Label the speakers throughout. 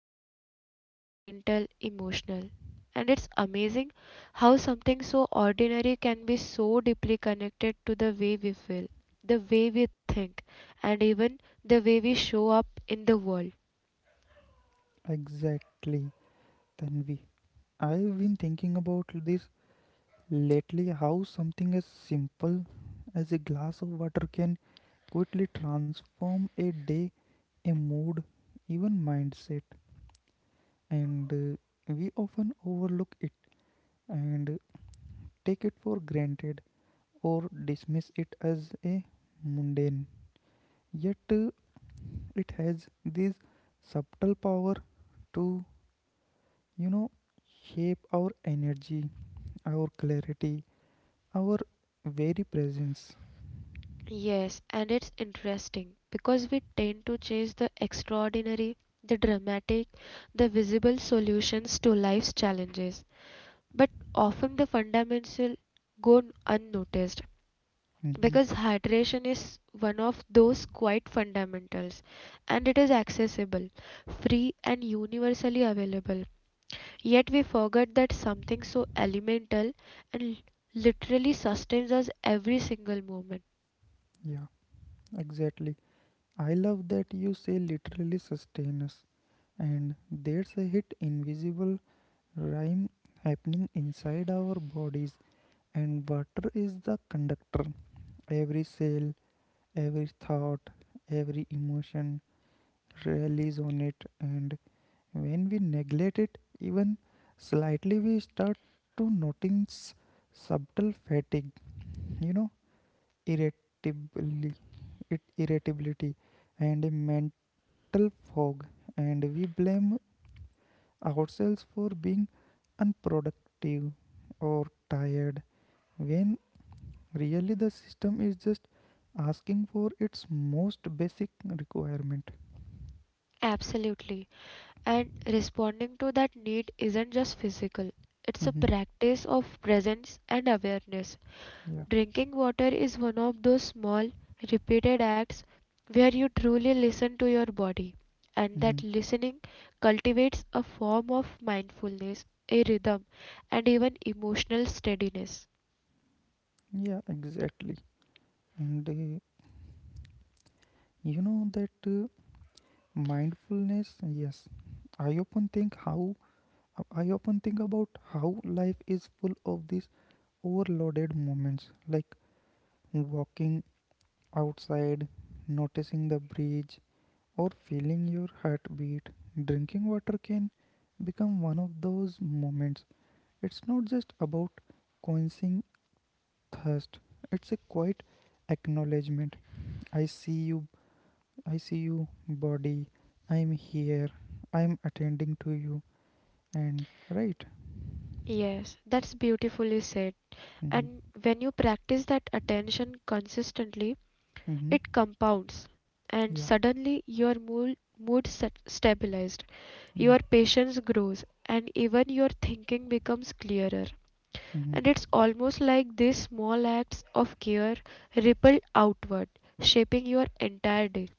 Speaker 1: like physical, mental, emotional. And it's amazing how something so ordinary can be so deeply connected to the way we feel, the way we think, and even the way we show up in the world.
Speaker 2: Exactly, Tanvi. I've been thinking about this lately, how something as simple as a glass of water can quickly transform a day, a mood, even mindset. And We often overlook it and take it for granted or dismiss it as a mundane, yet it has this subtle power to you know shape our energy, our clarity, our very presence.
Speaker 1: Yes, and it's interesting because we tend to chase the extraordinary, the dramatic, the visible solutions to life's challenges, but often the fundamental unnoticed
Speaker 2: hmm
Speaker 1: because hydration is one of those quite fundamentals and it is accessible, free and universally available. Yet we forget that something so elemental and literally sustains us every single moment.
Speaker 2: yeah, exactly. I love that you say literally sustain us, and there's a hit invisible rhyme happening inside our bodies. And water is the conductor. Every cell, every thought, every emotion relies on it. And when we neglect it, even slightly, we start to notice subtle fatigue, you know, irritability, irritability, and a mental fog. And we blame ourselves for being unproductive or tired when really, the system is just asking for its most basic requirement.
Speaker 1: Absolutely. And responding to that need isn't just physical, it's a
Speaker 2: hmm
Speaker 1: practice of presence and awareness.
Speaker 2: Yeah.
Speaker 1: Drinking water is one of those small, repeated acts where you truly listen to your body, and that
Speaker 2: hmm
Speaker 1: listening cultivates a form of mindfulness, a rhythm, and even emotional steadiness.
Speaker 2: Yeah, exactly. And you know that mindfulness, yes. I often think how I often think about how life is full of these overloaded moments like walking outside, noticing the breeze, or feeling your heartbeat. Drinking water can become one of those moments. It's not just about quenching thirst, it's a quiet acknowledgement. I see you. I see you, body. I'm here. I'm attending to you. And right.
Speaker 1: Yes, that's beautifully said.
Speaker 2: Mm-hmm.
Speaker 1: And when you practice that attention consistently,
Speaker 2: Mm-hmm.
Speaker 1: it compounds, and
Speaker 2: Yeah.
Speaker 1: suddenly your mood stabilized,
Speaker 2: Yeah.
Speaker 1: your patience grows, and even your thinking becomes clearer.
Speaker 2: Mm-hmm.
Speaker 1: And it's almost like these small acts of care ripple outward, shaping your entire day.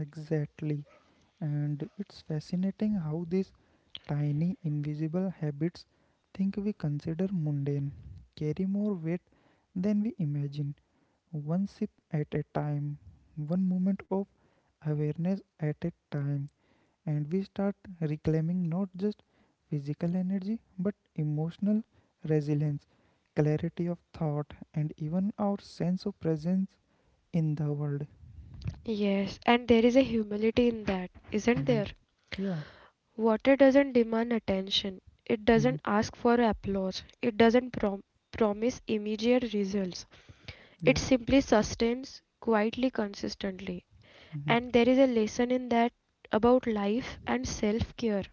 Speaker 2: Exactly. And it's fascinating how these tiny invisible habits think we consider mundane carry more weight than we imagine. One sip at a time, one moment of awareness at a time, and we start reclaiming not just physical energy but emotional resilience, clarity of thought, and even our sense of presence in the world.
Speaker 1: Yes, and there is a humility in that, isn't
Speaker 2: Mhm.
Speaker 1: there?
Speaker 2: Yeah.
Speaker 1: Water doesn't demand attention. It
Speaker 2: Mhm.
Speaker 1: doesn't ask for applause. It doesn't promise immediate results. It
Speaker 2: Yeah.
Speaker 1: simply sustains quietly, consistently.
Speaker 2: Mhm.
Speaker 1: And there is a lesson in that about life and self care.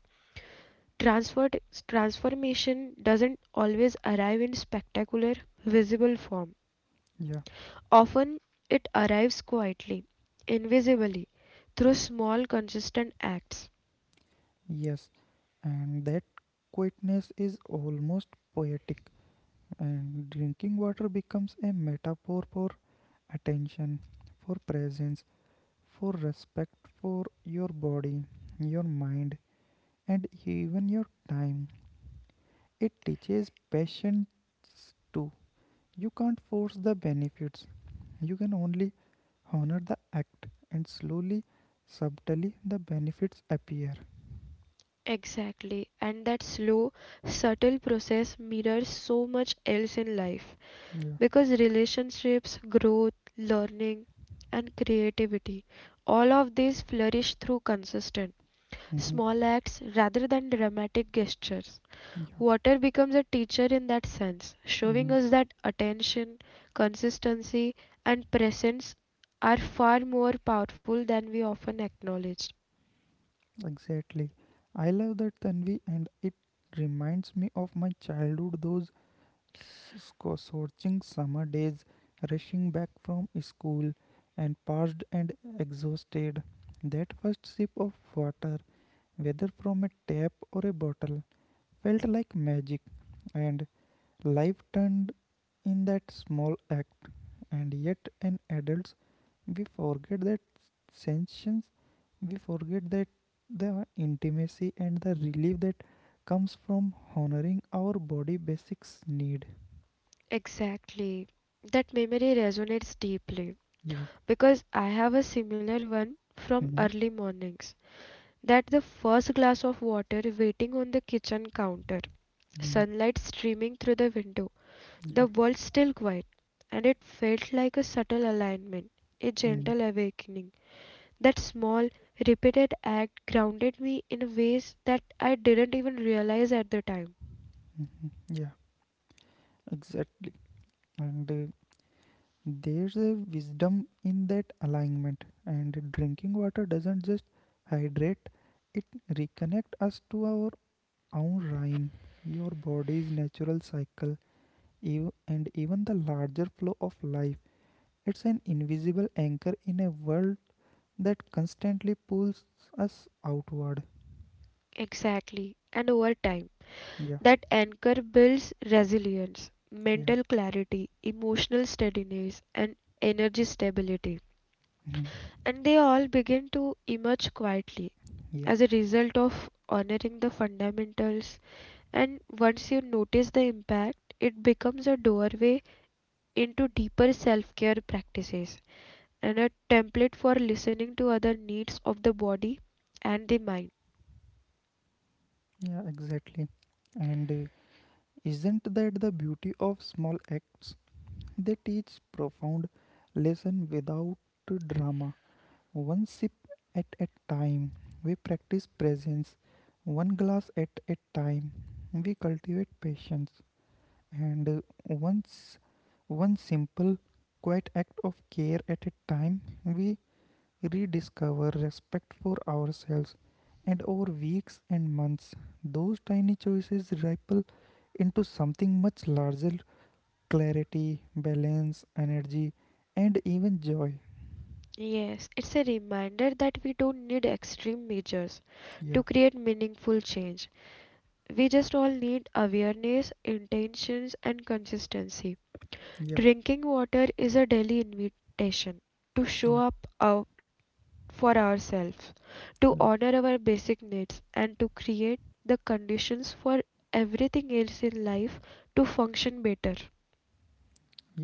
Speaker 1: Transferred, Transformation doesn't always arrive in spectacular, visible form.
Speaker 2: Yeah.
Speaker 1: Often it arrives quietly, invisibly, through small, consistent acts.
Speaker 2: Yes. And that quietness is almost poetic. And drinking water becomes a metaphor for attention, for presence, for respect for your body, your mind, and even your time. It teaches patience too. You can't force the benefits, you can only honor the act, and slowly, subtly, the benefits appear.
Speaker 1: Exactly, and that slow, subtle process mirrors so much else in life
Speaker 2: Yeah.
Speaker 1: because relationships, growth, learning, and creativity all of these flourish through consistent
Speaker 2: Mm-hmm.
Speaker 1: small acts rather than dramatic gestures.
Speaker 2: Yeah.
Speaker 1: Water becomes a teacher in that sense, showing
Speaker 2: Hmm.
Speaker 1: us that attention, consistency, and presence are far more powerful than we often acknowledge.
Speaker 2: Exactly. I love that, Tanvi, and it reminds me of my childhood. Those scorching summer days, rushing back from school, and parched and exhausted. That first sip of water, whether from a tap or a bottle, felt like magic, and life turned in that small act. And yet, as adults, we forget that sensations, we forget that the intimacy and the relief that comes from honoring our body basics need.
Speaker 1: Exactly. That memory resonates deeply
Speaker 2: Yeah.
Speaker 1: because I have a similar one from
Speaker 2: Mhm.
Speaker 1: early mornings. That the first glass of water waiting on the kitchen counter,
Speaker 2: Mhm.
Speaker 1: sunlight streaming through the window,
Speaker 2: Yeah.
Speaker 1: the world still quiet, and it felt like a subtle alignment, a
Speaker 2: Mhm.
Speaker 1: gentle awakening. That small, repeated act grounded me in ways that I didn't even realize at the time.
Speaker 2: Yeah, exactly. And there's a wisdom in that alignment. And drinking water doesn't just hydrate; it reconnect us to our own rhyme, your body's natural cycle, and even the larger flow of life. It's an invisible anchor in a world that constantly pulls us outward.
Speaker 1: Exactly. And over time,
Speaker 2: Yeah.
Speaker 1: that anchor builds resilience,
Speaker 2: Yeah.
Speaker 1: mental clarity, emotional steadiness, and energy stability.
Speaker 2: Mhm.
Speaker 1: And they all begin to emerge quietly
Speaker 2: Yeah.
Speaker 1: as a result of honoring the fundamentals and once you notice the impact, it becomes a doorway into deeper self care practices and a template for listening to other needs of the body and the mind.
Speaker 2: Yeah, exactly. And isn't that the beauty of small acts? They teach profound lesson without drama. One sip at a time. We practice presence. One glass at a time. We cultivate patience. And once one simple quiet act of care at a time, we rediscover respect for ourselves, and over weeks and months those tiny choices ripple into something much larger: clarity, balance, energy, and even joy.
Speaker 1: Yes, it's a reminder that we don't need extreme measures to
Speaker 2: Yeah.
Speaker 1: create meaningful change. We just all need awareness, intentions, and consistency.
Speaker 2: Yeah.
Speaker 1: Drinking water is a daily invitation to show
Speaker 2: Yeah.
Speaker 1: up for ourselves to
Speaker 2: Yeah.
Speaker 1: honor our basic needs and to create the conditions for everything else in life to function better.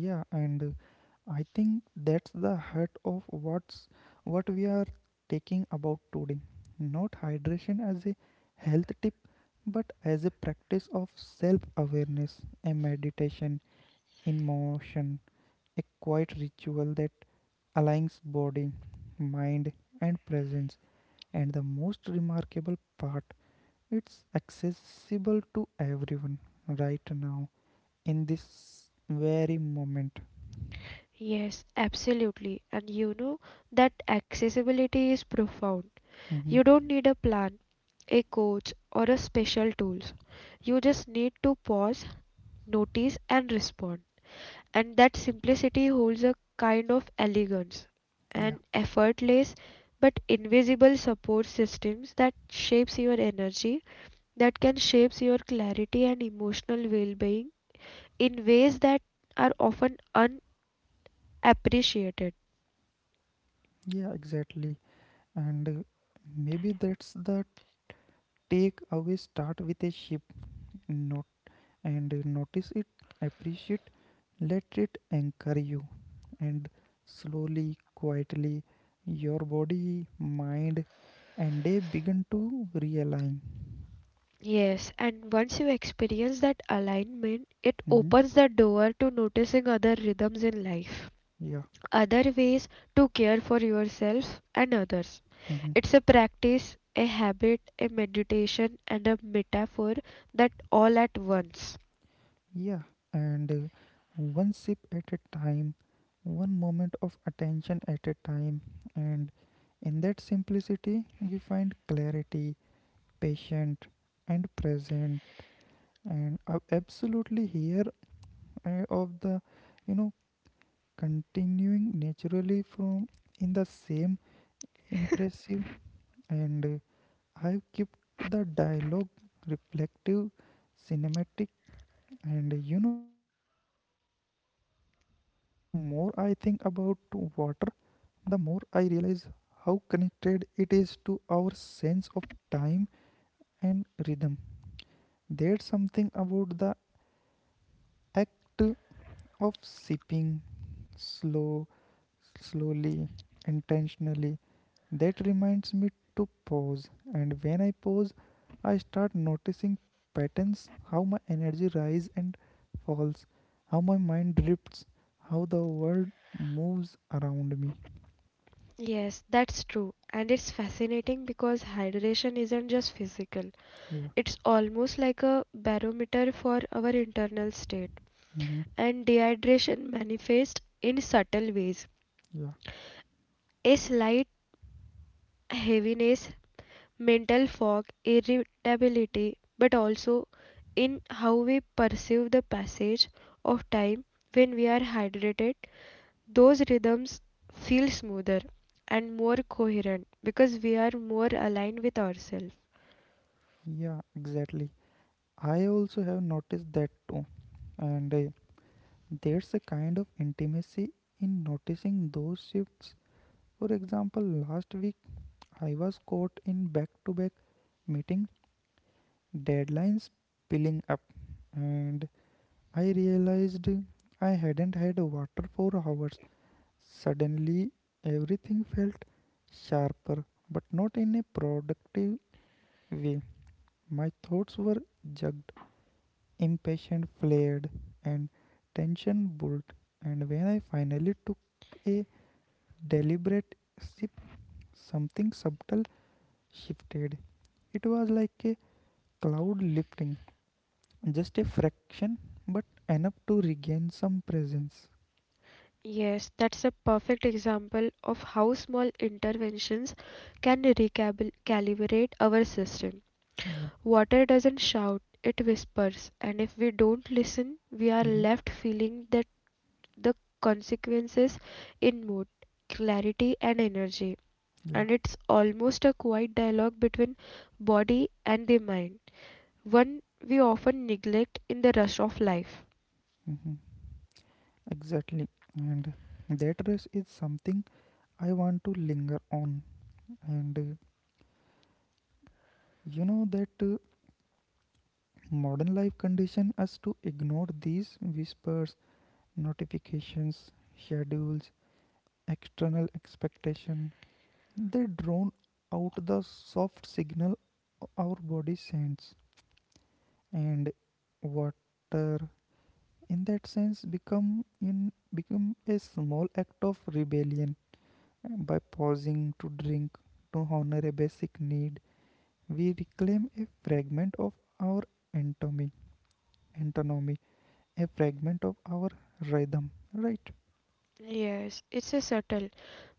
Speaker 2: Yeah and uh, I think that's the heart of what we are taking about today. Not hydration as a health tip, but as a practice of self awareness, a meditation in motion, a quiet ritual that aligns body, mind, and presence. And the most remarkable part, it's accessible to everyone right now in this very moment.
Speaker 1: Yes, absolutely. And you know that accessibility is profound. You
Speaker 2: Hmm.
Speaker 1: don't need a plan, a coach, or a special tools. You just need to pause, notice, and respond. And that simplicity holds a kind of elegance and
Speaker 2: Yeah.
Speaker 1: effortless but invisible support systems that shapes your energy that can shape your clarity and emotional well-being in ways that are often unappreciated.
Speaker 2: Yeah, exactly. And maybe that's the takeaway: start with a ship note, and notice it, appreciate, let it anchor you. And slowly, quietly, your body, mind, and they begin to realign.
Speaker 1: Yes, and once you experience that alignment, it
Speaker 2: Mhm.
Speaker 1: opens the door to noticing other rhythms in life,
Speaker 2: Yeah.
Speaker 1: other ways to care for yourself and others.
Speaker 2: Mhm.
Speaker 1: It's a practice, a habit, a meditation, and a metaphor that all at once.
Speaker 2: Yeah. And one sip at a time, one moment of attention at a time. And in that simplicity, we find clarity, patient, and present. And I absolutely here of the, you know, continuing naturally from in the same impressive, and I've kept the dialogue reflective cinematic and Tanvi, the more I think about water, the more I realize how connected it is to our sense of time and rhythm. There's something about the act of sipping slow slowly, intentionally, that reminds me to pause, and when I pause, I start noticing patterns: how my energy rises and falls, how my mind drifts, how the world moves around me.
Speaker 1: Yes, that's true. And it's fascinating because hydration isn't just physical.
Speaker 2: Yeah.
Speaker 1: It's almost like a barometer for our internal state.
Speaker 2: Mm-hmm.
Speaker 1: And dehydration manifests in subtle ways.
Speaker 2: Yeah.
Speaker 1: A slight heaviness, mental fog, irritability, but also in how we perceive the passage of time when we are hydrated. Those rhythms feel smoother and more coherent because we are more aligned with ourselves.
Speaker 2: Yeah, exactly. I also have noticed that too, and there's a kind of intimacy in noticing those shifts. For example, last week I was caught in back to back meetings, deadlines piling up, and I realized I hadn't had water for hours. Suddenly, everything felt sharper, but not in a productive way. My thoughts were jugged, impatient flared, and tension built. And when I finally took a deliberate sip, something subtle shifted. It was like a cloud lifting. Just a fraction, but enough to regain some presence.
Speaker 1: Yes, that's a perfect example of how small interventions can recalibrate our system.
Speaker 2: Yeah.
Speaker 1: Water doesn't shout, it whispers, and if we don't listen, we are
Speaker 2: Hmm.
Speaker 1: left feeling that the consequences in mood, clarity, and energy.
Speaker 2: Yeah.
Speaker 1: And it's almost a quiet dialogue between body and the mind, one we often neglect in the rush of life.
Speaker 2: Hmm. Exactly. And that rest is something I want to linger on. And you know that modern life condition us to ignore these whispers: notifications, schedules, external expectation. They drone out the soft signal our body sends. And water, in that sense, become a small act of rebellion. By pausing to drink, to honor a basic need, we reclaim a fragment of our anatomy, antonomy, a fragment of our rhythm, right?
Speaker 1: Yes, it's a subtle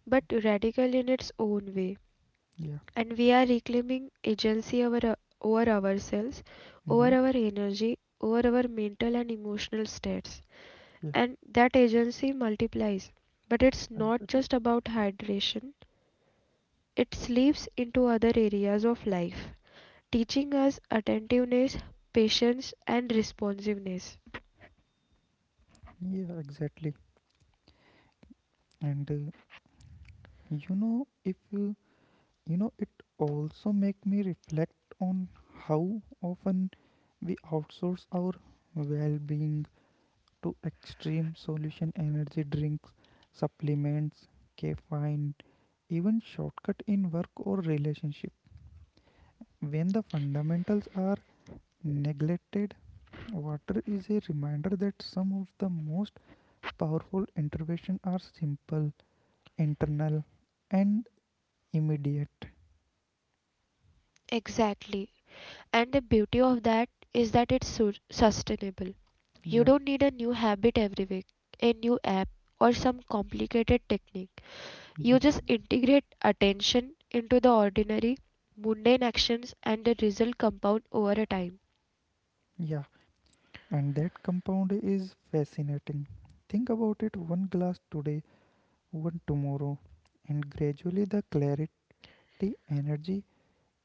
Speaker 1: but radical in its own way.
Speaker 2: Yeah.
Speaker 1: And we are reclaiming over ourselves,
Speaker 2: Mm-hmm.
Speaker 1: over our energy, over our mental and emotional states.
Speaker 2: Yeah,
Speaker 1: And that agency multiplies. But it's not
Speaker 2: exactly.
Speaker 1: just about hydration, it slips into other areas of life, teaching us attentiveness, patience, and responsiveness.
Speaker 2: Yeah, exactly. And you know if you you know it also make me reflect on how often we outsource our well-being to extreme solution: energy drinks, supplements, caffeine, even shortcut in work or relationship. When the fundamentals are neglected, water is a reminder that some of the most powerful interventions are simple, internal, and immediate.
Speaker 1: Exactly. And the beauty of that is that it's sustainable. You don't
Speaker 2: Yeah.
Speaker 1: need a new habit every week, a new app, or some complicated technique. You
Speaker 2: Mhm.
Speaker 1: just integrate attention into the ordinary, mundane actions, and the result compound over a time.
Speaker 2: Yeah, and that compound is fascinating. Think about it: one glass today, one tomorrow, and gradually the clarity, the energy,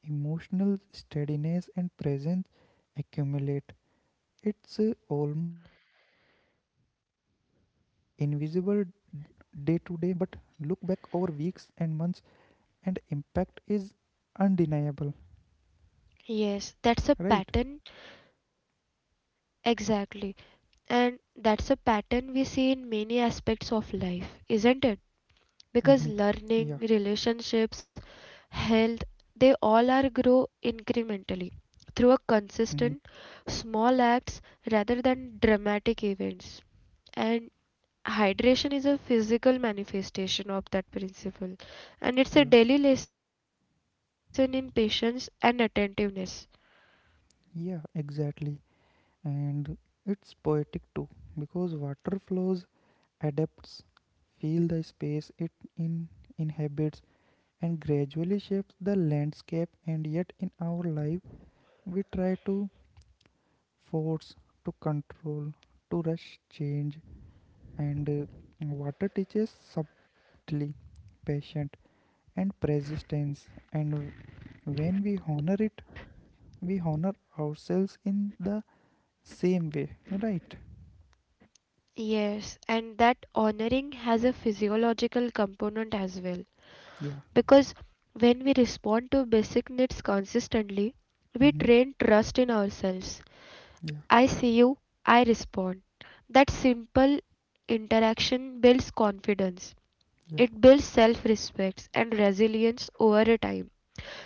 Speaker 2: emotional steadiness, and presence accumulate. It's almost invisible day to day, but look back over weeks and months, and impact is undeniable,
Speaker 1: Yes, that's a
Speaker 2: right?
Speaker 1: pattern exactly. And that's a pattern we see in many aspects of life, isn't it? Because
Speaker 2: Mm-hmm. Yeah.
Speaker 1: learning, relationships, health, they all are grow incrementally through a
Speaker 2: Mm-hmm.
Speaker 1: consistent small acts rather than dramatic events. And hydration is a physical manifestation of that principle and it's a
Speaker 2: Yeah.
Speaker 1: daily lesson in patience and attentiveness.
Speaker 2: Yeah, exactly. And it's poetic too, because water flows, adapts, feel the space it in inhabits, and gradually shapes the landscape. And yet in our life we try to force, to control, to rush change, and water teaches subtly patient and persistence. And when we honor it, we honor ourselves in the same way, right?
Speaker 1: Yes, and that honoring has a physiological component as well.
Speaker 2: Yeah.
Speaker 1: Because when we respond to basic needs consistently, we
Speaker 2: Mm-hmm.
Speaker 1: train trust in ourselves. I see you, I respond. That simple interaction builds confidence.
Speaker 2: Yeah. Yeah.
Speaker 1: It builds self respect and resilience over a time.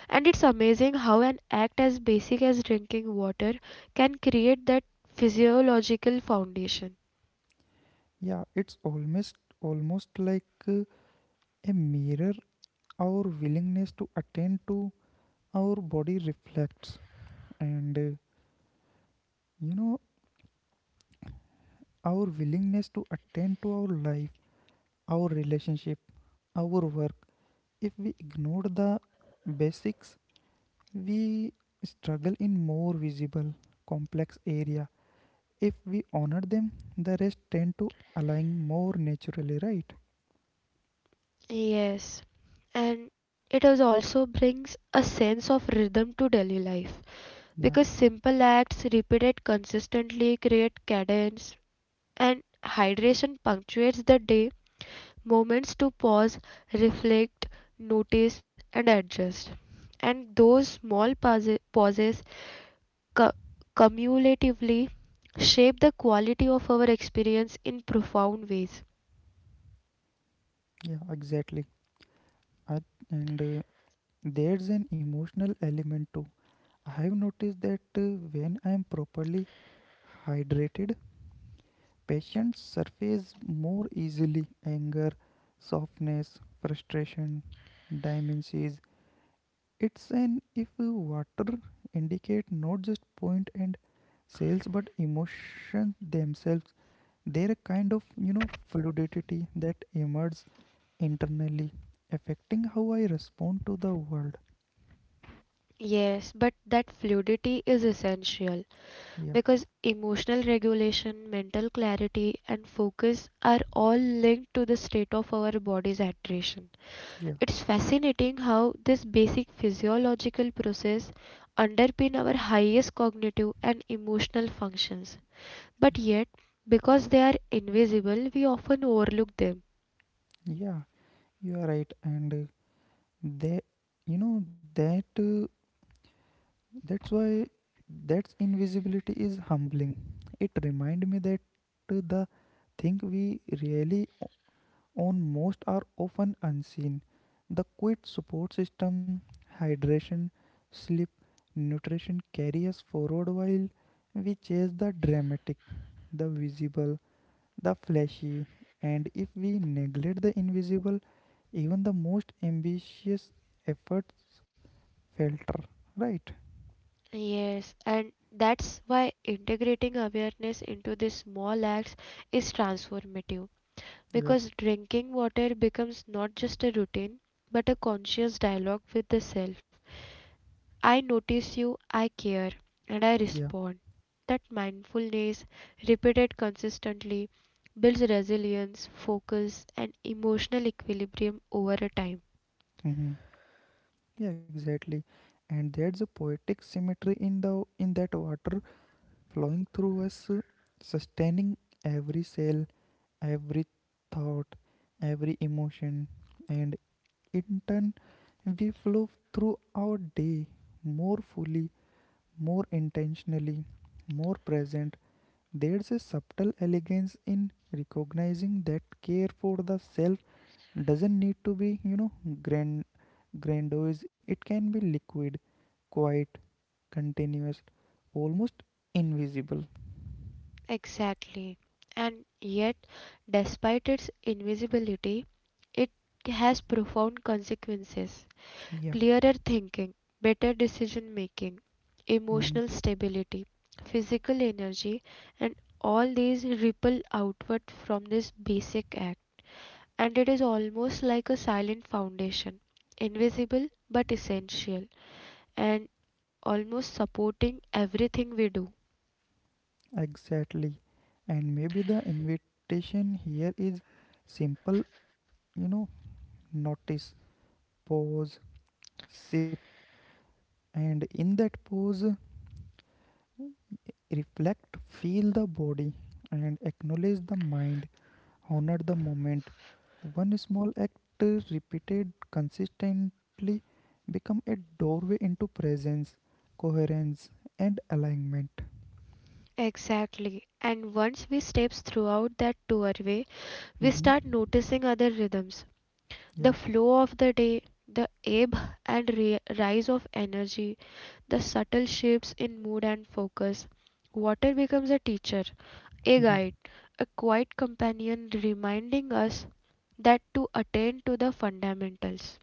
Speaker 1: And it's amazing how an act as basic as drinking water can create that physiological foundation.
Speaker 2: Yeah, it's almost like a mirror. Our willingness to attend to our body reflects, and you know our willingness to attend to our life, our relationship, our work. If we ignore the basics, we struggle in more visible complex area. If we honor them, the rest tend to align more naturally, right?
Speaker 1: Yes, and it is also brings a sense of rhythm to daily life.
Speaker 2: Yeah.
Speaker 1: Because simple acts repeated consistently create cadence and hydration punctuates the day moments to pause reflect notice and adjust and those small pauses cu- cumulatively shape the quality of our experience in profound ways.
Speaker 2: Yeah, exactly. I, and There's an emotional element too. I have noticed that when I am properly hydrated, Patients surface more easily: anger, softness, frustration, dimensions. It's an if water indicate not just point and sales but emotion themselves. They're a kind of fluidity that emerges internally, affecting how I respond to the world.
Speaker 1: Yes, but that fluidity is essential
Speaker 2: Yeah.
Speaker 1: because emotional regulation, mental clarity, and focus are all linked to the state of our body's hydration.
Speaker 2: Yeah.
Speaker 1: It's fascinating how this basic physiological process underpin our highest cognitive and emotional functions. But
Speaker 2: Yeah.
Speaker 1: yet, because they are invisible, we often overlook them.
Speaker 2: Yeah. You are right, and they, you know that. Uh, that's why that invisibility is humbling. It reminds me that the thing we really own most are often unseen. The quiet support system, hydration, sleep, nutrition carry us forward while we chase the dramatic, the visible, the flashy. And if we neglect the invisible, even the most ambitious efforts falter. Right?
Speaker 1: Yes, and that's why integrating awareness into these small acts is transformative.
Speaker 2: Yeah.
Speaker 1: Because drinking water becomes not just a routine but a conscious dialogue with the self. I notice you, I care, and I
Speaker 2: Yeah.
Speaker 1: respond. That mindfulness, repeated consistently, builds resilience, focus, and emotional equilibrium over a time.
Speaker 2: Mm-hmm. Yeah, exactly. And there's a poetic symmetry in the in that water flowing through us, sustaining every cell, every thought, every emotion, and in turn, we flow through our day more fully, more intentionally, more present. There's a subtle elegance in recognizing that care for the self doesn't need to be, grand grandiose. It can be liquid, quite continuous, almost invisible.
Speaker 1: Exactly. And yet, despite its invisibility, it has profound consequences.
Speaker 2: Yeah.
Speaker 1: Clearer thinking, better decision making,
Speaker 2: Mhm.
Speaker 1: emotional stability, physical energy, and all these ripple outward from this basic act. And it is almost like a silent foundation, invisible but essential, and almost supporting everything we do.
Speaker 2: Exactly. And maybe the invitation here is simple, you know, notice, pause, sip, and in that pause, reflect, feel the body, and acknowledge the mind. Honor the moment. One small act repeated consistently become a doorway into presence, coherence, and alignment.
Speaker 1: Exactly. And once we steps throughout that doorway, we
Speaker 2: Mhm.
Speaker 1: start noticing other rhythms the
Speaker 2: Yeah.
Speaker 1: flow of the day, the ebb and rise of energy, the subtle shifts in mood and focus. Water becomes a teacher, a
Speaker 2: Mhm.
Speaker 1: guide, a quiet companion reminding us that to attend to the fundamentals.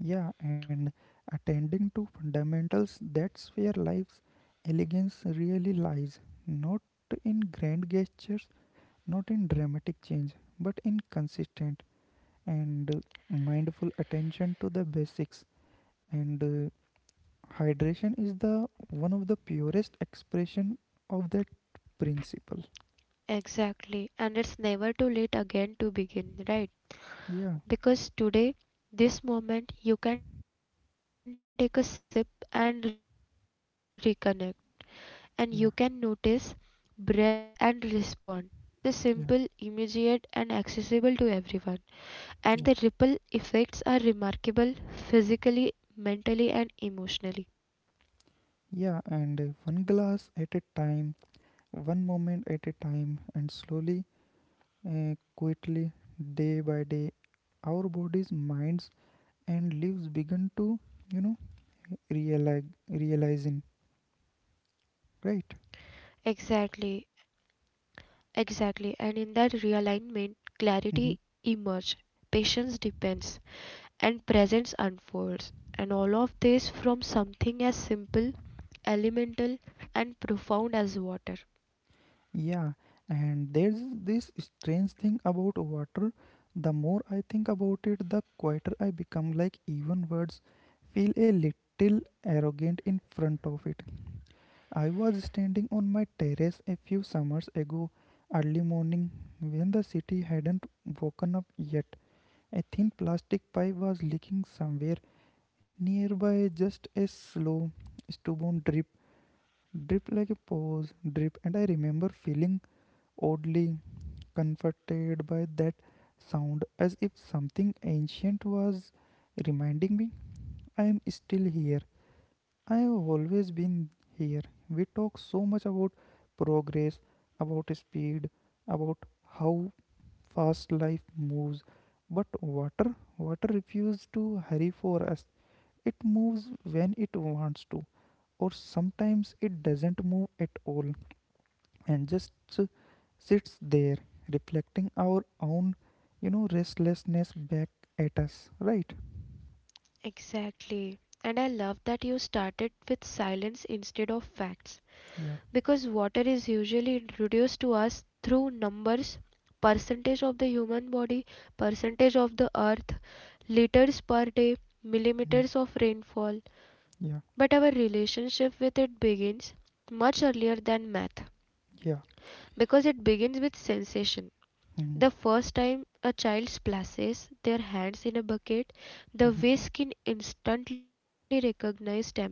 Speaker 2: Yeah, and attending to fundamentals, that's where life's elegance really lies. Not in grand gestures, not in dramatic change, but in consistent and mindful attention to the basics. And Hydration is the one of the purest expression of that principle.
Speaker 1: Exactly, and it's never too late again to begin, right?
Speaker 2: Yeah.
Speaker 1: Because today, this moment, you can take a sip and reconnect, and you can notice, breath, and
Speaker 2: Yeah.
Speaker 1: respond. It's a simple, immediate, and accessible to
Speaker 2: Yeah.
Speaker 1: everyone. And the ripple effects are
Speaker 2: Yeah.
Speaker 1: remarkable physically, mentally, and emotionally.
Speaker 2: Yeah, and one glass at a time, one moment at a time, and slowly, quietly, day by day, our bodies, minds, and lives begin to, you know, realize, realizing, right?
Speaker 1: Exactly, exactly. And in that realignment, clarity emerges, patience depends, and presence unfolds. And all of this from something as simple, elemental, and profound as water.
Speaker 2: Yeah, and there's this strange thing about water. The more I think about it, the quieter I become. Like, even words feel a little arrogant in front of it. I was standing on my terrace a few summers ago, early morning, when the city hadn't woken up yet. A thin plastic pipe was leaking somewhere nearby, just a slow, stubborn drip, drip like a pause, drip, and I remember feeling oddly comforted by that sound, as if something ancient was reminding me. I am still here. I have always been here. We talk so much about progress, about speed, about how fast life moves. But water, water refuses to hurry for us. It moves when it wants to, or sometimes it doesn't move at all and just uh, sits there reflecting our own restlessness back at us, right?
Speaker 1: Exactly. And I love that you started with silence instead of facts
Speaker 2: Yeah,
Speaker 1: because water is usually introduced to us through numbers percentage of the human body percentage of the earth liters per day
Speaker 2: mm,
Speaker 1: millimeters of rainfall but
Speaker 2: yeah,
Speaker 1: our relationship with it begins much earlier than math
Speaker 2: yeah.
Speaker 1: because it begins with sensation
Speaker 2: Mm-hmm.
Speaker 1: the first time a child splashes their hands in a bucket the
Speaker 2: Mm-hmm.
Speaker 1: way skin instantly recognizes temperature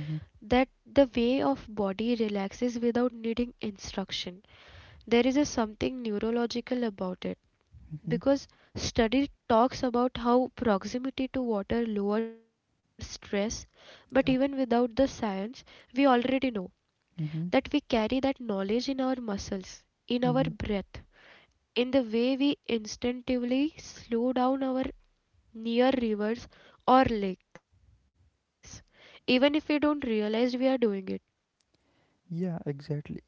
Speaker 2: Mm-hmm.
Speaker 1: the way of body relaxes without needing instruction there is a something neurological about it
Speaker 2: Mm-hmm.
Speaker 1: because study talks about how proximity to water lowers stress but even
Speaker 2: Yeah.
Speaker 1: without the science we already know that we
Speaker 2: Mm-hmm.
Speaker 1: carry that knowledge in our muscles in our
Speaker 2: Mm-hmm.
Speaker 1: breath in the way we instinctively slow down our near rivers or lakes even if we don't realize we are doing it.
Speaker 2: Yeah, exactly.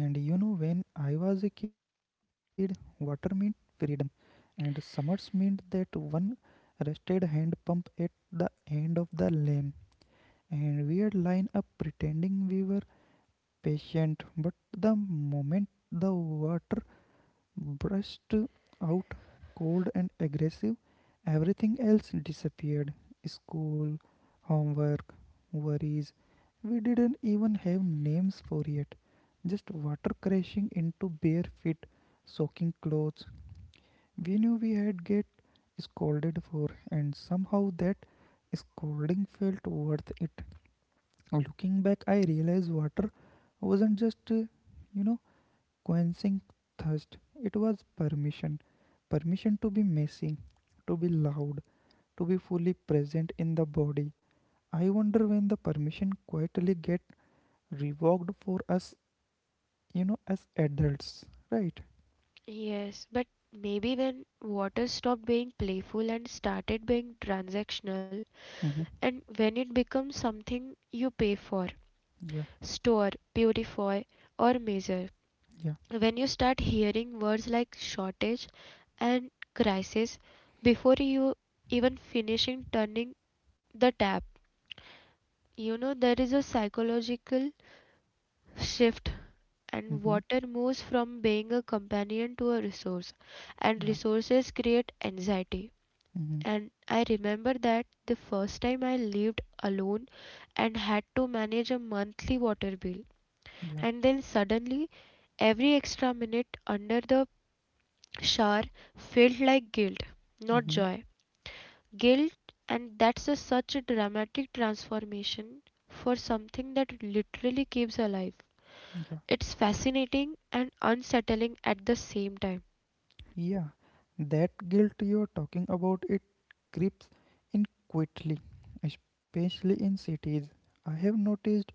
Speaker 2: And when I was a kid, water meant freedom, and summers meant that one rested hand pump at the end of the lane, and we'd line up pretending we were patient. But the moment the water brushed out, cold and aggressive, everything else disappeared school, homework, worries. We didn't even have names for it. Just water crashing into bare feet, soaking clothes. We knew we had get scolded for, and somehow that scolding felt worth it. Looking back, I realized water wasn't just, you know, quenching thirst. It was permission. Permission to be messy, to be loud, to be fully present in the body. I wonder when the permission quietly get revoked for us, as adults, right?
Speaker 1: Yes, but maybe when water stopped being playful and started being transactional
Speaker 2: Mm-hmm.
Speaker 1: and when it becomes something you pay for,
Speaker 2: Yeah,
Speaker 1: store, purify, or measure.
Speaker 2: yeah,
Speaker 1: When you start hearing words like shortage and crisis before you even finishing turning the tap, you know there is a psychological shift and
Speaker 2: mm-hmm.
Speaker 1: water moves from being a companion to a resource and
Speaker 2: Yeah,
Speaker 1: resources create anxiety
Speaker 2: mm-hmm.
Speaker 1: and I remember that the first time I lived alone and had to manage a monthly water bill.
Speaker 2: Yeah,
Speaker 1: And then suddenly, every extra minute under the shower felt like guilt, not
Speaker 2: mm-hmm.
Speaker 1: joy. Guilt, and that's a, such a dramatic transformation for something that literally keeps alive.
Speaker 2: Yeah.
Speaker 1: It's fascinating and unsettling at the same time.
Speaker 2: Yeah, that guilt you're talking about it creeps in quickly, especially in cities. I have noticed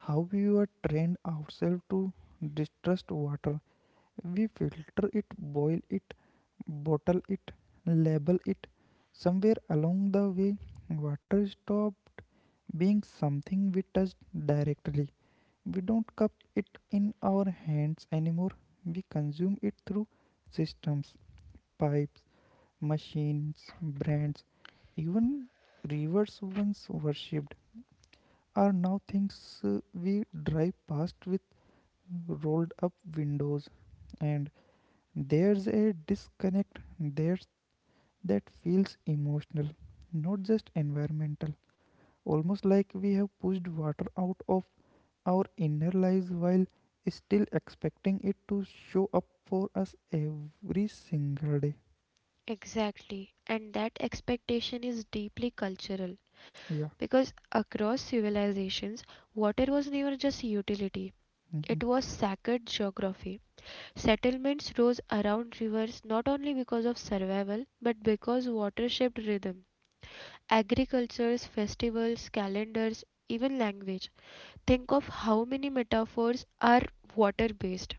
Speaker 2: how we were trained ourselves to distrust water. We filter it, boil it, bottle it, label it. Somewhere along the way, water stopped being something we touched directly. We don't cup it in our hands anymore. We consume it through systems, pipes, machines, brands, even rivers once worshipped are now things we drive past with rolled up windows. And there's a disconnect there that feels emotional, not just environmental. Almost like we have pushed water out of our inner lives while still expecting it to show up for us every single day.
Speaker 1: Exactly, and that expectation is deeply cultural.
Speaker 2: Yeah.
Speaker 1: Because across civilizations, water was never just utility.
Speaker 2: Hmm.
Speaker 1: It was sacred geography. Settlements rose around rivers not only because of survival, but because water shaped rhythm. Agricultures, festivals, calendars, even language. Think of how many metaphors are water based: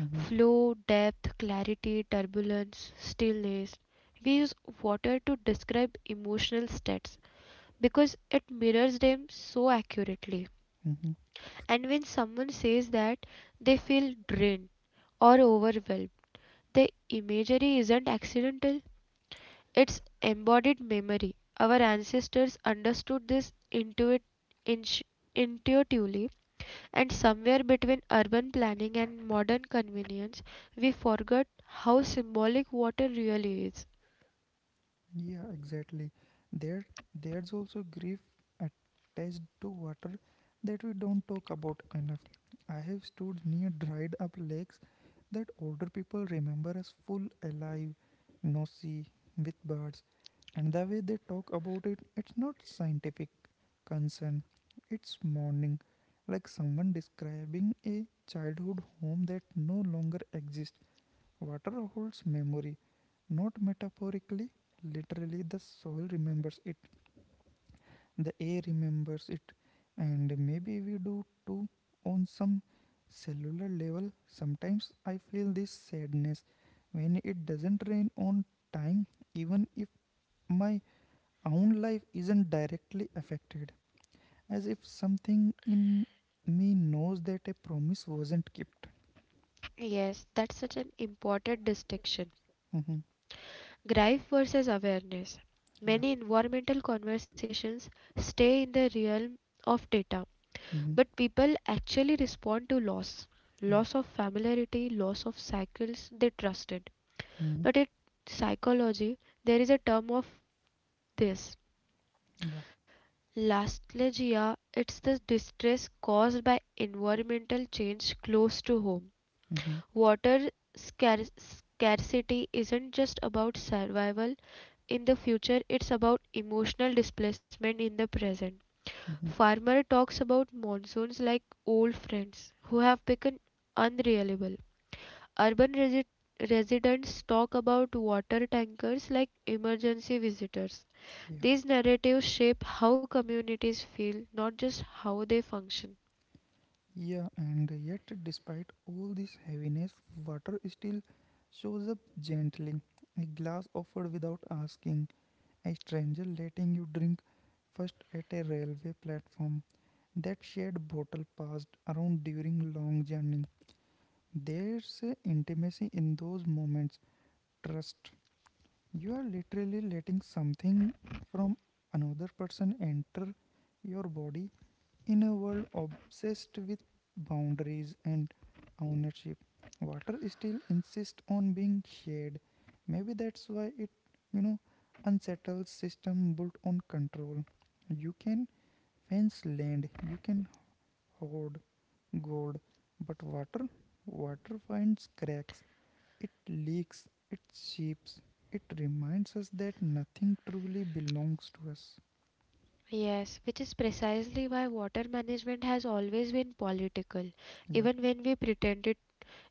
Speaker 2: Hmm.
Speaker 1: flow, depth, clarity, turbulence, stillness. We use water to describe emotional states because it mirrors them so accurately.
Speaker 2: Hmm.
Speaker 1: And when someone says that they feel drained or overwhelmed, the imagery isn't accidental, it's embodied memory. Our ancestors understood this intu- intuitively, and somewhere between urban planning and modern convenience, we forgot how symbolic water really is.
Speaker 2: Yeah, exactly. There, there's also grief attached to water that we don't talk about enough. I have stood near dried up lakes that older people remember as full, alive, noisy, with birds, and the way they talk about it, it's not scientific concern. It's mourning, like someone describing a childhood home that no longer exists. Water holds memory, not metaphorically, literally. The soil remembers it, the air remembers it, and maybe we do too on some cellular level. Sometimes I feel this sadness when it doesn't rain on time, even if my own life isn't directly affected, as if something in me knows that a promise wasn't kept.
Speaker 1: Yes, that's such an important distinction.
Speaker 2: Mhm.
Speaker 1: Grief versus awareness.
Speaker 2: Yeah.
Speaker 1: Many environmental conversations stay in the realm of data,
Speaker 2: Mhm.
Speaker 1: but people actually respond to loss,
Speaker 2: Yeah.
Speaker 1: loss of familiarity, loss of cycles they trusted.
Speaker 2: Mhm.
Speaker 1: But in psychology, there is a term of this:
Speaker 2: Yeah.
Speaker 1: lastalgia. It's the distress caused by environmental change close to home.
Speaker 2: Mm-hmm.
Speaker 1: Water scarcity isn't just about survival in the future, it's about emotional displacement in the present.
Speaker 2: Mm-hmm.
Speaker 1: Farmer talks about monsoons like old friends who have become unreliable. Urban resi- residents talk about water tankers like emergency visitors.
Speaker 2: Yeah,
Speaker 1: These narratives shape how communities feel, not just how they function.
Speaker 2: yeah, and yet, despite all this heaviness, water still shows up gently. A glass offered without asking, a stranger letting you drink first at a railway platform. That shared bottle passed around during long journey. There's a intimacy in those moments. Trust. You are literally letting something from another person enter your body. In a world obsessed with boundaries and ownership, water still insists on being shared. Maybe that's why it, you know, unsettles system built on control. You can fence land, you can hoard gold, but water, water finds cracks. It leaks, it seeps, it reminds us that nothing truly belongs to us.
Speaker 1: Yes, which is precisely why water management has always been political,
Speaker 2: Yeah,
Speaker 1: even when we pretend it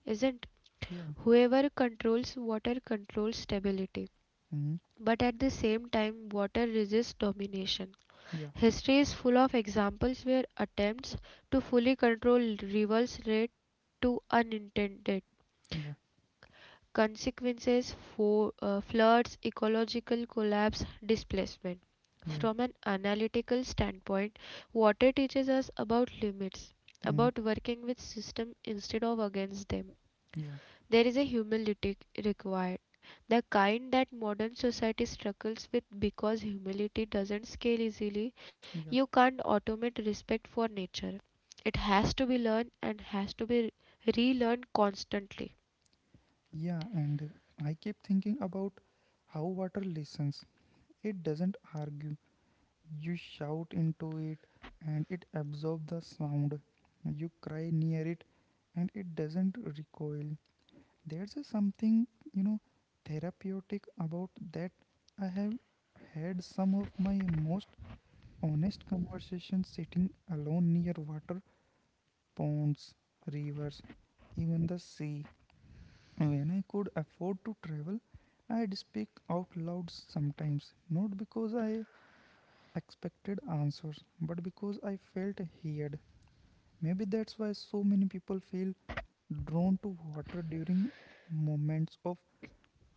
Speaker 1: isn't.
Speaker 2: yeah,
Speaker 1: Whoever controls water controls stability,
Speaker 2: mm,
Speaker 1: but at the same time, water resists domination.
Speaker 2: yeah,
Speaker 1: History is full of examples where attempts to fully control rivers led to unintended
Speaker 2: yeah,
Speaker 1: consequences for floods, ecological collapse, displacement.
Speaker 2: yeah.
Speaker 1: From an analytical standpoint, water teaches us about limits,
Speaker 2: Mm.
Speaker 1: about working with systems instead of against them.
Speaker 2: Yeah,
Speaker 1: There is a humility required, the kind that modern society struggles with because humility doesn't scale easily.
Speaker 2: yeah,
Speaker 1: You can't automate respect for nature. It has to be learned and has to be relearned constantly.
Speaker 2: yeah. And I keep thinking about how water listens. It doesn't argue. You shout into it and it absorbs the sound. You cry near it and it doesn't recoil. There's a something, you know, therapeutic about that. I have had some of my most honest conversations sitting alone near water, ponds, rivers, even the sea. When I could afford to travel, I'd speak out loud sometimes, not because I expected answers, but because I felt heard. Maybe that's why so many people feel drawn to water during moments of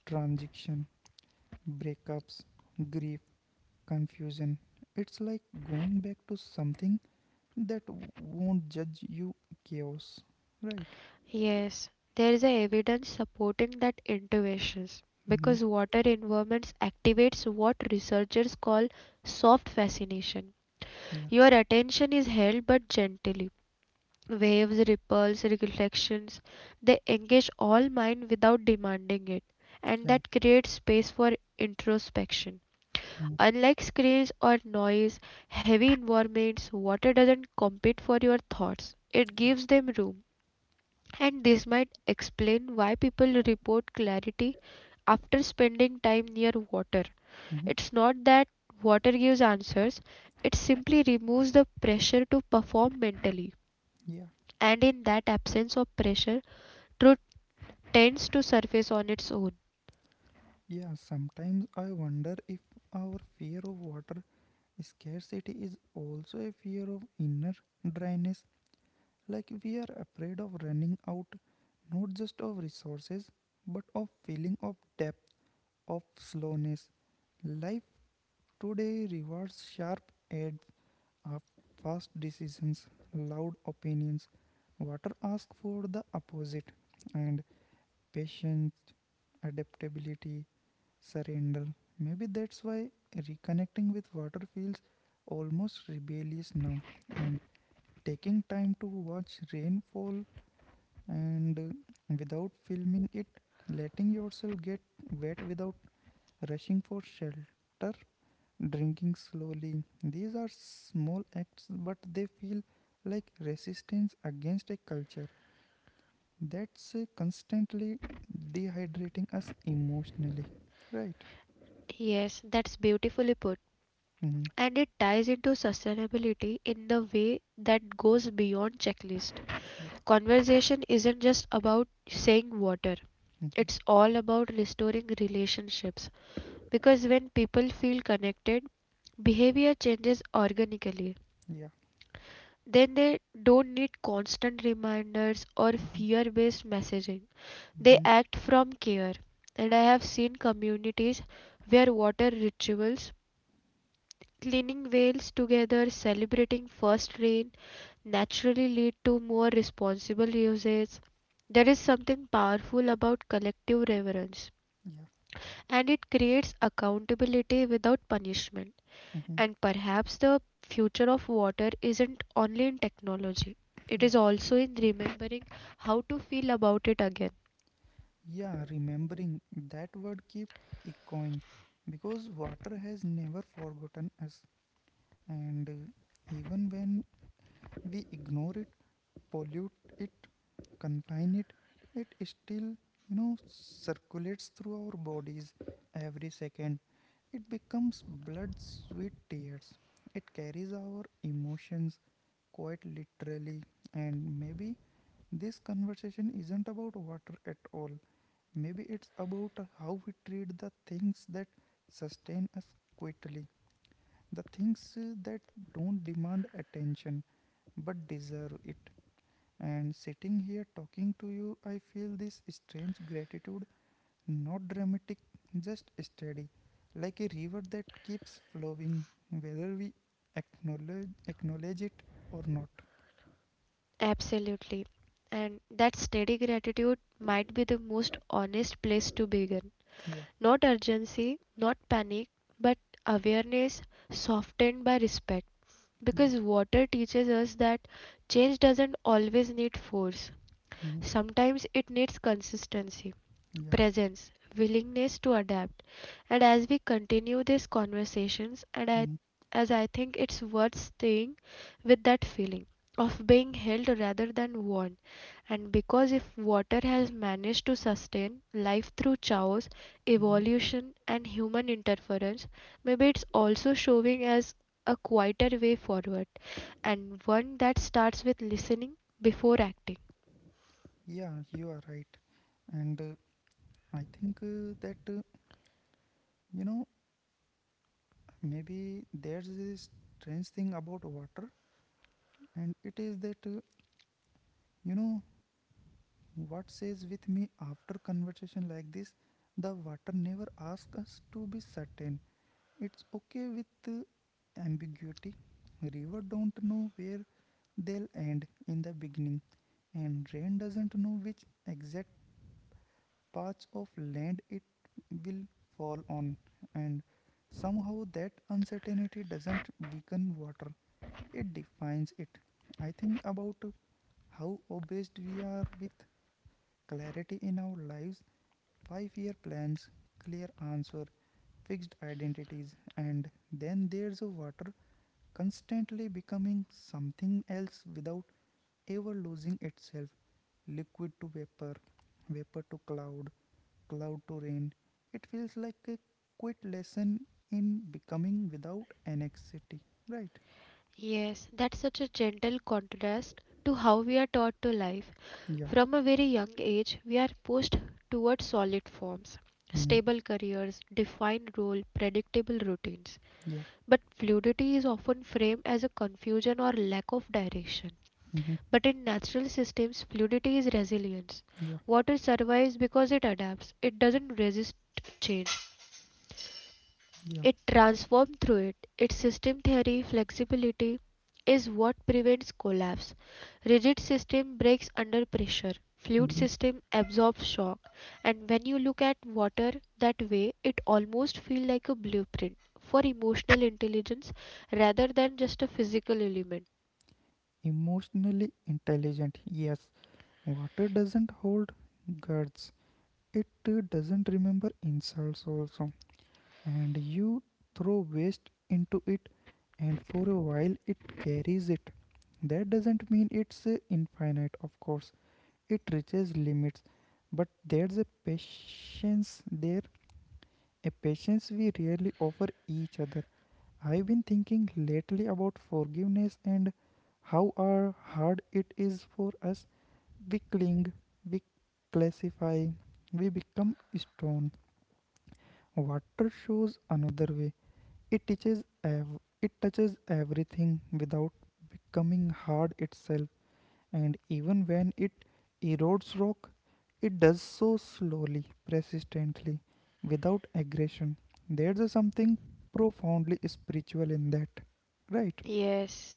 Speaker 2: transition, breakups, grief, confusion. It's like going back to something that won't judge you, chaos, right?
Speaker 1: Yes, there is a evidence supporting that intuitions
Speaker 2: Mm-hmm.
Speaker 1: because water environments activates what researchers call soft fascination.
Speaker 2: Yeah,
Speaker 1: Your attention is held but gently. Waves, ripples, reflections, they engage all mind without demanding it, and
Speaker 2: yeah,
Speaker 1: that creates space for introspection.
Speaker 2: mm-hmm.
Speaker 1: Unlike screens or noise, heavy environments, water doesn't compete for your thoughts. It gives them room, and this might explain why people report clarity after spending time near water.
Speaker 2: Mm-hmm.
Speaker 1: It's not that water gives answers, it simply removes the pressure to perform mentally.
Speaker 2: Yeah.
Speaker 1: And in that absence of pressure, truth tends to surface on its own.
Speaker 2: Yeah, sometimes I wonder if our fear of water scarcity is also a fear of inner dryness. Like we are afraid of running out, not just of resources, but of feeling of depth, of slowness. Life today rewards sharp edge of fast decisions, loud opinions. Water asks for the opposite and patience, adaptability, surrender. Maybe that's why reconnecting with water feels almost rebellious now. And taking time to watch rainfall and without filming it, letting yourself get wet without rushing for shelter, drinking slowly. These are small acts, but they feel like resistance against a culture that's constantly dehydrating us emotionally. Right?
Speaker 1: Yes, that's beautifully put.
Speaker 2: Mhm.
Speaker 1: And it ties into sustainability in the way that goes beyond checklist.
Speaker 2: Yeah.
Speaker 1: Conversation isn't just about saying water.
Speaker 2: Mhm.
Speaker 1: It's all about restoring relationships because when people feel connected, behavior changes organically.
Speaker 2: Yeah.
Speaker 1: Then they don't need constant reminders or
Speaker 2: Hmm.
Speaker 1: fear based messaging. They
Speaker 2: Hmm.
Speaker 1: act from care. And I have seen communities where water rituals, cleaning wells together, celebrating first rain, naturally lead to more responsible usage. There is something powerful about collective reverence,
Speaker 2: Yeah.
Speaker 1: and it creates accountability without punishment.
Speaker 2: Hmm.
Speaker 1: And perhaps the future of water isn't only in technology, it is
Speaker 2: Yeah.
Speaker 1: also in remembering how to feel about it again.
Speaker 2: Yeah. Remembering that word keep echoing because water has never forgotten us. And even when we ignore it, pollute it, confine it, it still, circulates through our bodies every second. It becomes blood, sweet tears. It carries our emotions quite literally, and maybe this conversation isn't about water at all. Maybe it's about how we treat the things that sustain us quietly, the things that don't demand attention but deserve it. And sitting here talking to you, I feel this strange gratitude, not dramatic, just steady, like a river that keeps flowing, whether we acknowledge it or not.
Speaker 1: Absolutely. And that steady gratitude might be the most honest place to begin.
Speaker 2: Yeah,
Speaker 1: Not urgency, not panic, but awareness softened by respect.
Speaker 2: yeah,
Speaker 1: Because water teaches us that change doesn't always need force,
Speaker 2: mhm,
Speaker 1: sometimes it needs consistency,
Speaker 2: yeah.
Speaker 1: presence, willingness to adapt. And as we continue these conversations,
Speaker 2: Mhm,
Speaker 1: as I think it's worth staying with that feeling of being held rather than worn. And because if water has managed to sustain life through chaos,
Speaker 2: mhm.
Speaker 1: evolution, and human interference, maybe it's also showing us a quieter way forward, and one that starts with listening before acting.
Speaker 2: Yeah, you are right. And I think that, you know, maybe there's this strange thing about water, and it is that, you know, what says with me after conversation like this, the water never asks us to be certain. It's okay with ambiguity. River don't know where they'll end in the beginning, and rain doesn't know which exact parts of land it will fall on, and somehow that uncertainty doesn't weaken water, it defines it. I think about how obsessed we are with clarity in our lives, 5-year plans, clear answer, fixed identities, and then there's a water constantly becoming something else without ever losing itself, liquid to vapor, vapor to cloud, cloud to rain. It feels like a quit lesson in becoming without anxiety. Right?
Speaker 1: Yes, that's such a gentle contrast to how we are taught to live.
Speaker 2: Yeah.
Speaker 1: From a very young age, we are pushed towards solid forms,
Speaker 2: Hmm.
Speaker 1: stable careers, defined role, predictable routines.
Speaker 2: Yeah.
Speaker 1: But fluidity is often framed as a confusion or lack of direction.
Speaker 2: Hmm.
Speaker 1: But in natural systems, fluidity is resilience.
Speaker 2: Yeah,
Speaker 1: Water survives because it adapts, it doesn't resist change.
Speaker 2: yeah.
Speaker 1: It transformed through it. Its system theory flexibility is what prevents collapse. Rigid system breaks under pressure. Fluid
Speaker 2: Hmm.
Speaker 1: system absorbs shock. And when you look at water that way, it almost feels like a blueprint for emotional intelligence rather than just a physical element.
Speaker 2: Emotionally intelligent, yes. Water doesn't hold guards. It doesn't remember insults also. And you throw waste into it and for a while it carries it. That doesn't mean it's infinite, of course. It reaches limits, but there's a patience there, a patience we rarely offer each other. I've been thinking lately about forgiveness and how are hard it is for us. We cling, we classify, we become stone. Water shows another way. it teaches ev- it touches everything without becoming hard itself, and even when it erodes rock, it does so slowly, persistently, without aggression. There's a something profoundly spiritual in that, right?
Speaker 1: Yes.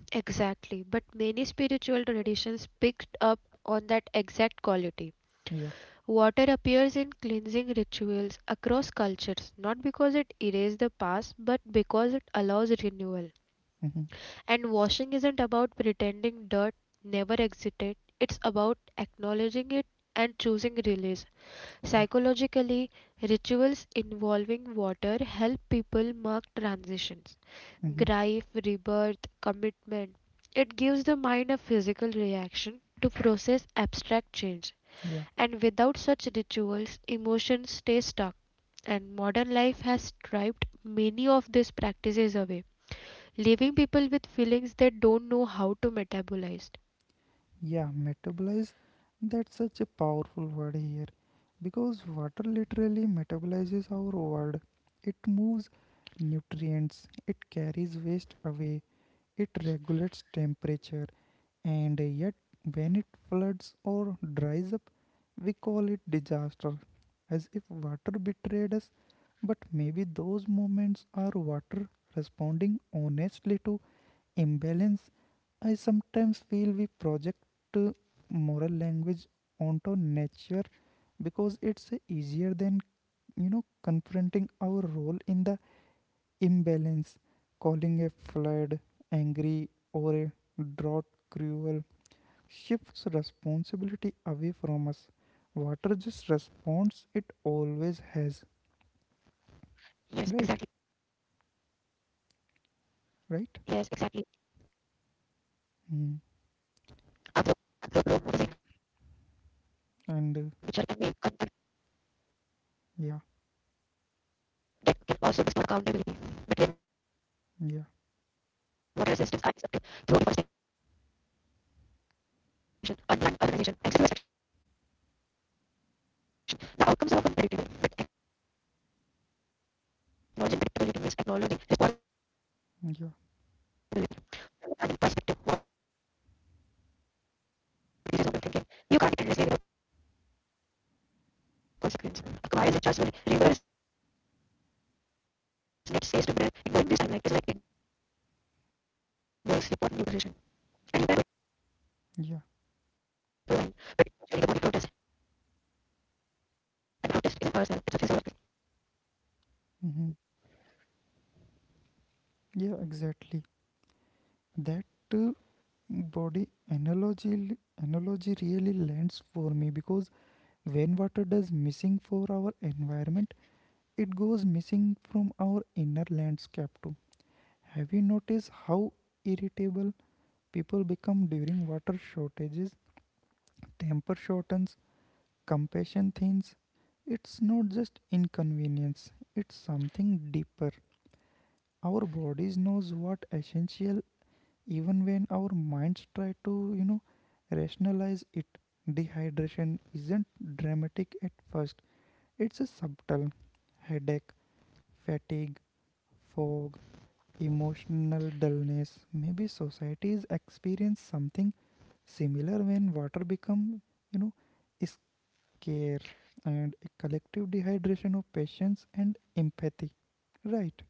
Speaker 1: Exactly. But many spiritual traditions picked up on that exact quality.
Speaker 2: Yeah.
Speaker 1: Water appears in cleansing rituals across cultures, not because it erases the past, but because it allows renewal.
Speaker 2: Mm-hmm.
Speaker 1: And washing isn't about pretending dirt never existed, it's about acknowledging it and choosing release.
Speaker 2: Yeah.
Speaker 1: Psychologically, rituals involving water help people mark transitions,
Speaker 2: Mm-hmm.
Speaker 1: grief, rebirth, commitment. It gives the mind a physical reaction to process abstract change.
Speaker 2: Yeah.
Speaker 1: And without such rituals, emotions stay stuck, and modern life has stripped many of these practices away, leaving people with feelings they don't know how to metabolize.
Speaker 2: Yeah, metabolize. That's such a powerful word here because water literally metabolizes our world. It moves nutrients, it carries waste away, it regulates temperature, and yet, when it floods or dries up, we call it disaster, as if water betrayed us. But maybe those moments are water responding honestly to imbalance. I sometimes feel we project uh, moral language onto nature because it's easier than confronting our role in the imbalance, calling a flood angry or a drought cruel, shifts responsibility away from us. Water just responds, it always has. Right, right. Mm. And yeah, yeah, yeah, yeah. Hmm. Yeah, exactly. That uh, body analogy analogy really lands for me because when water does missing for our environment, it goes missing from our inner landscape too. Have you noticed how irritable people become during water shortages? Temper shortens, compassion thins. It's not just inconvenience, it's something deeper. Our bodies knows what essential, even when our minds try to, rationalize it. Dehydration isn't dramatic at first. It's a subtle headache, fatigue, fog, emotional dullness. Maybe societies experience something similar when water become you know scarce, and a collective dehydration of patience and empathy, right?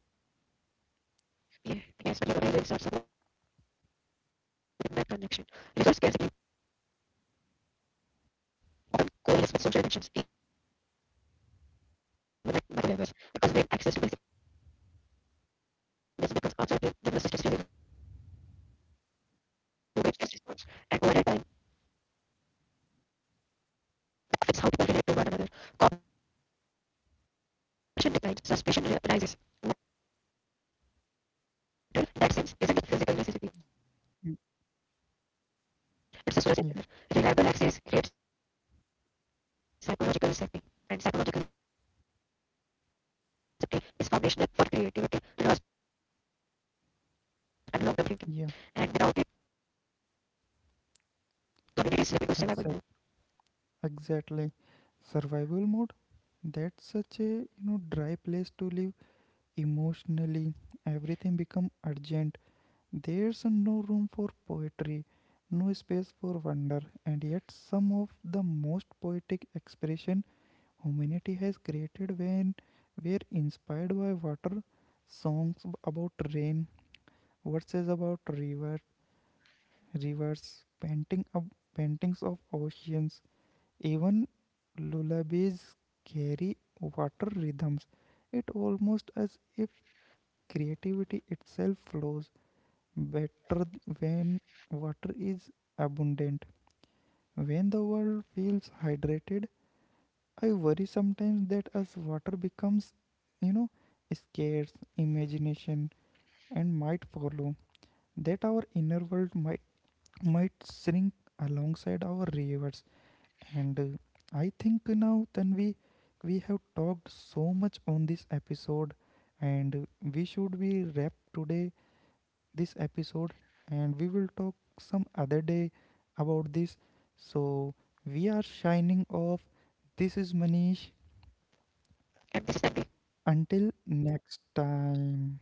Speaker 2: Mm. Yeah, yeah, exact exactly, survival mode. That's such a dry place to live emotionally. Everything become urgent. There's no room for poetry, no space for wonder, and yet some of the most poetic expression humanity has created when were inspired by water, songs about rain, verses about rivers, paintings of oceans, even lullabies carry water rhythms. It almost as if creativity itself flows better when water is abundant. When the world feels hydrated, I worry sometimes that as water becomes, you know, scarce, imagination and might follow, that our inner world might shrink alongside our rivers. And I think now then we have talked so much on this episode, and we should be wrap today this episode, and we will talk some other day about this. So we are shining off. This is Manish. Until next time.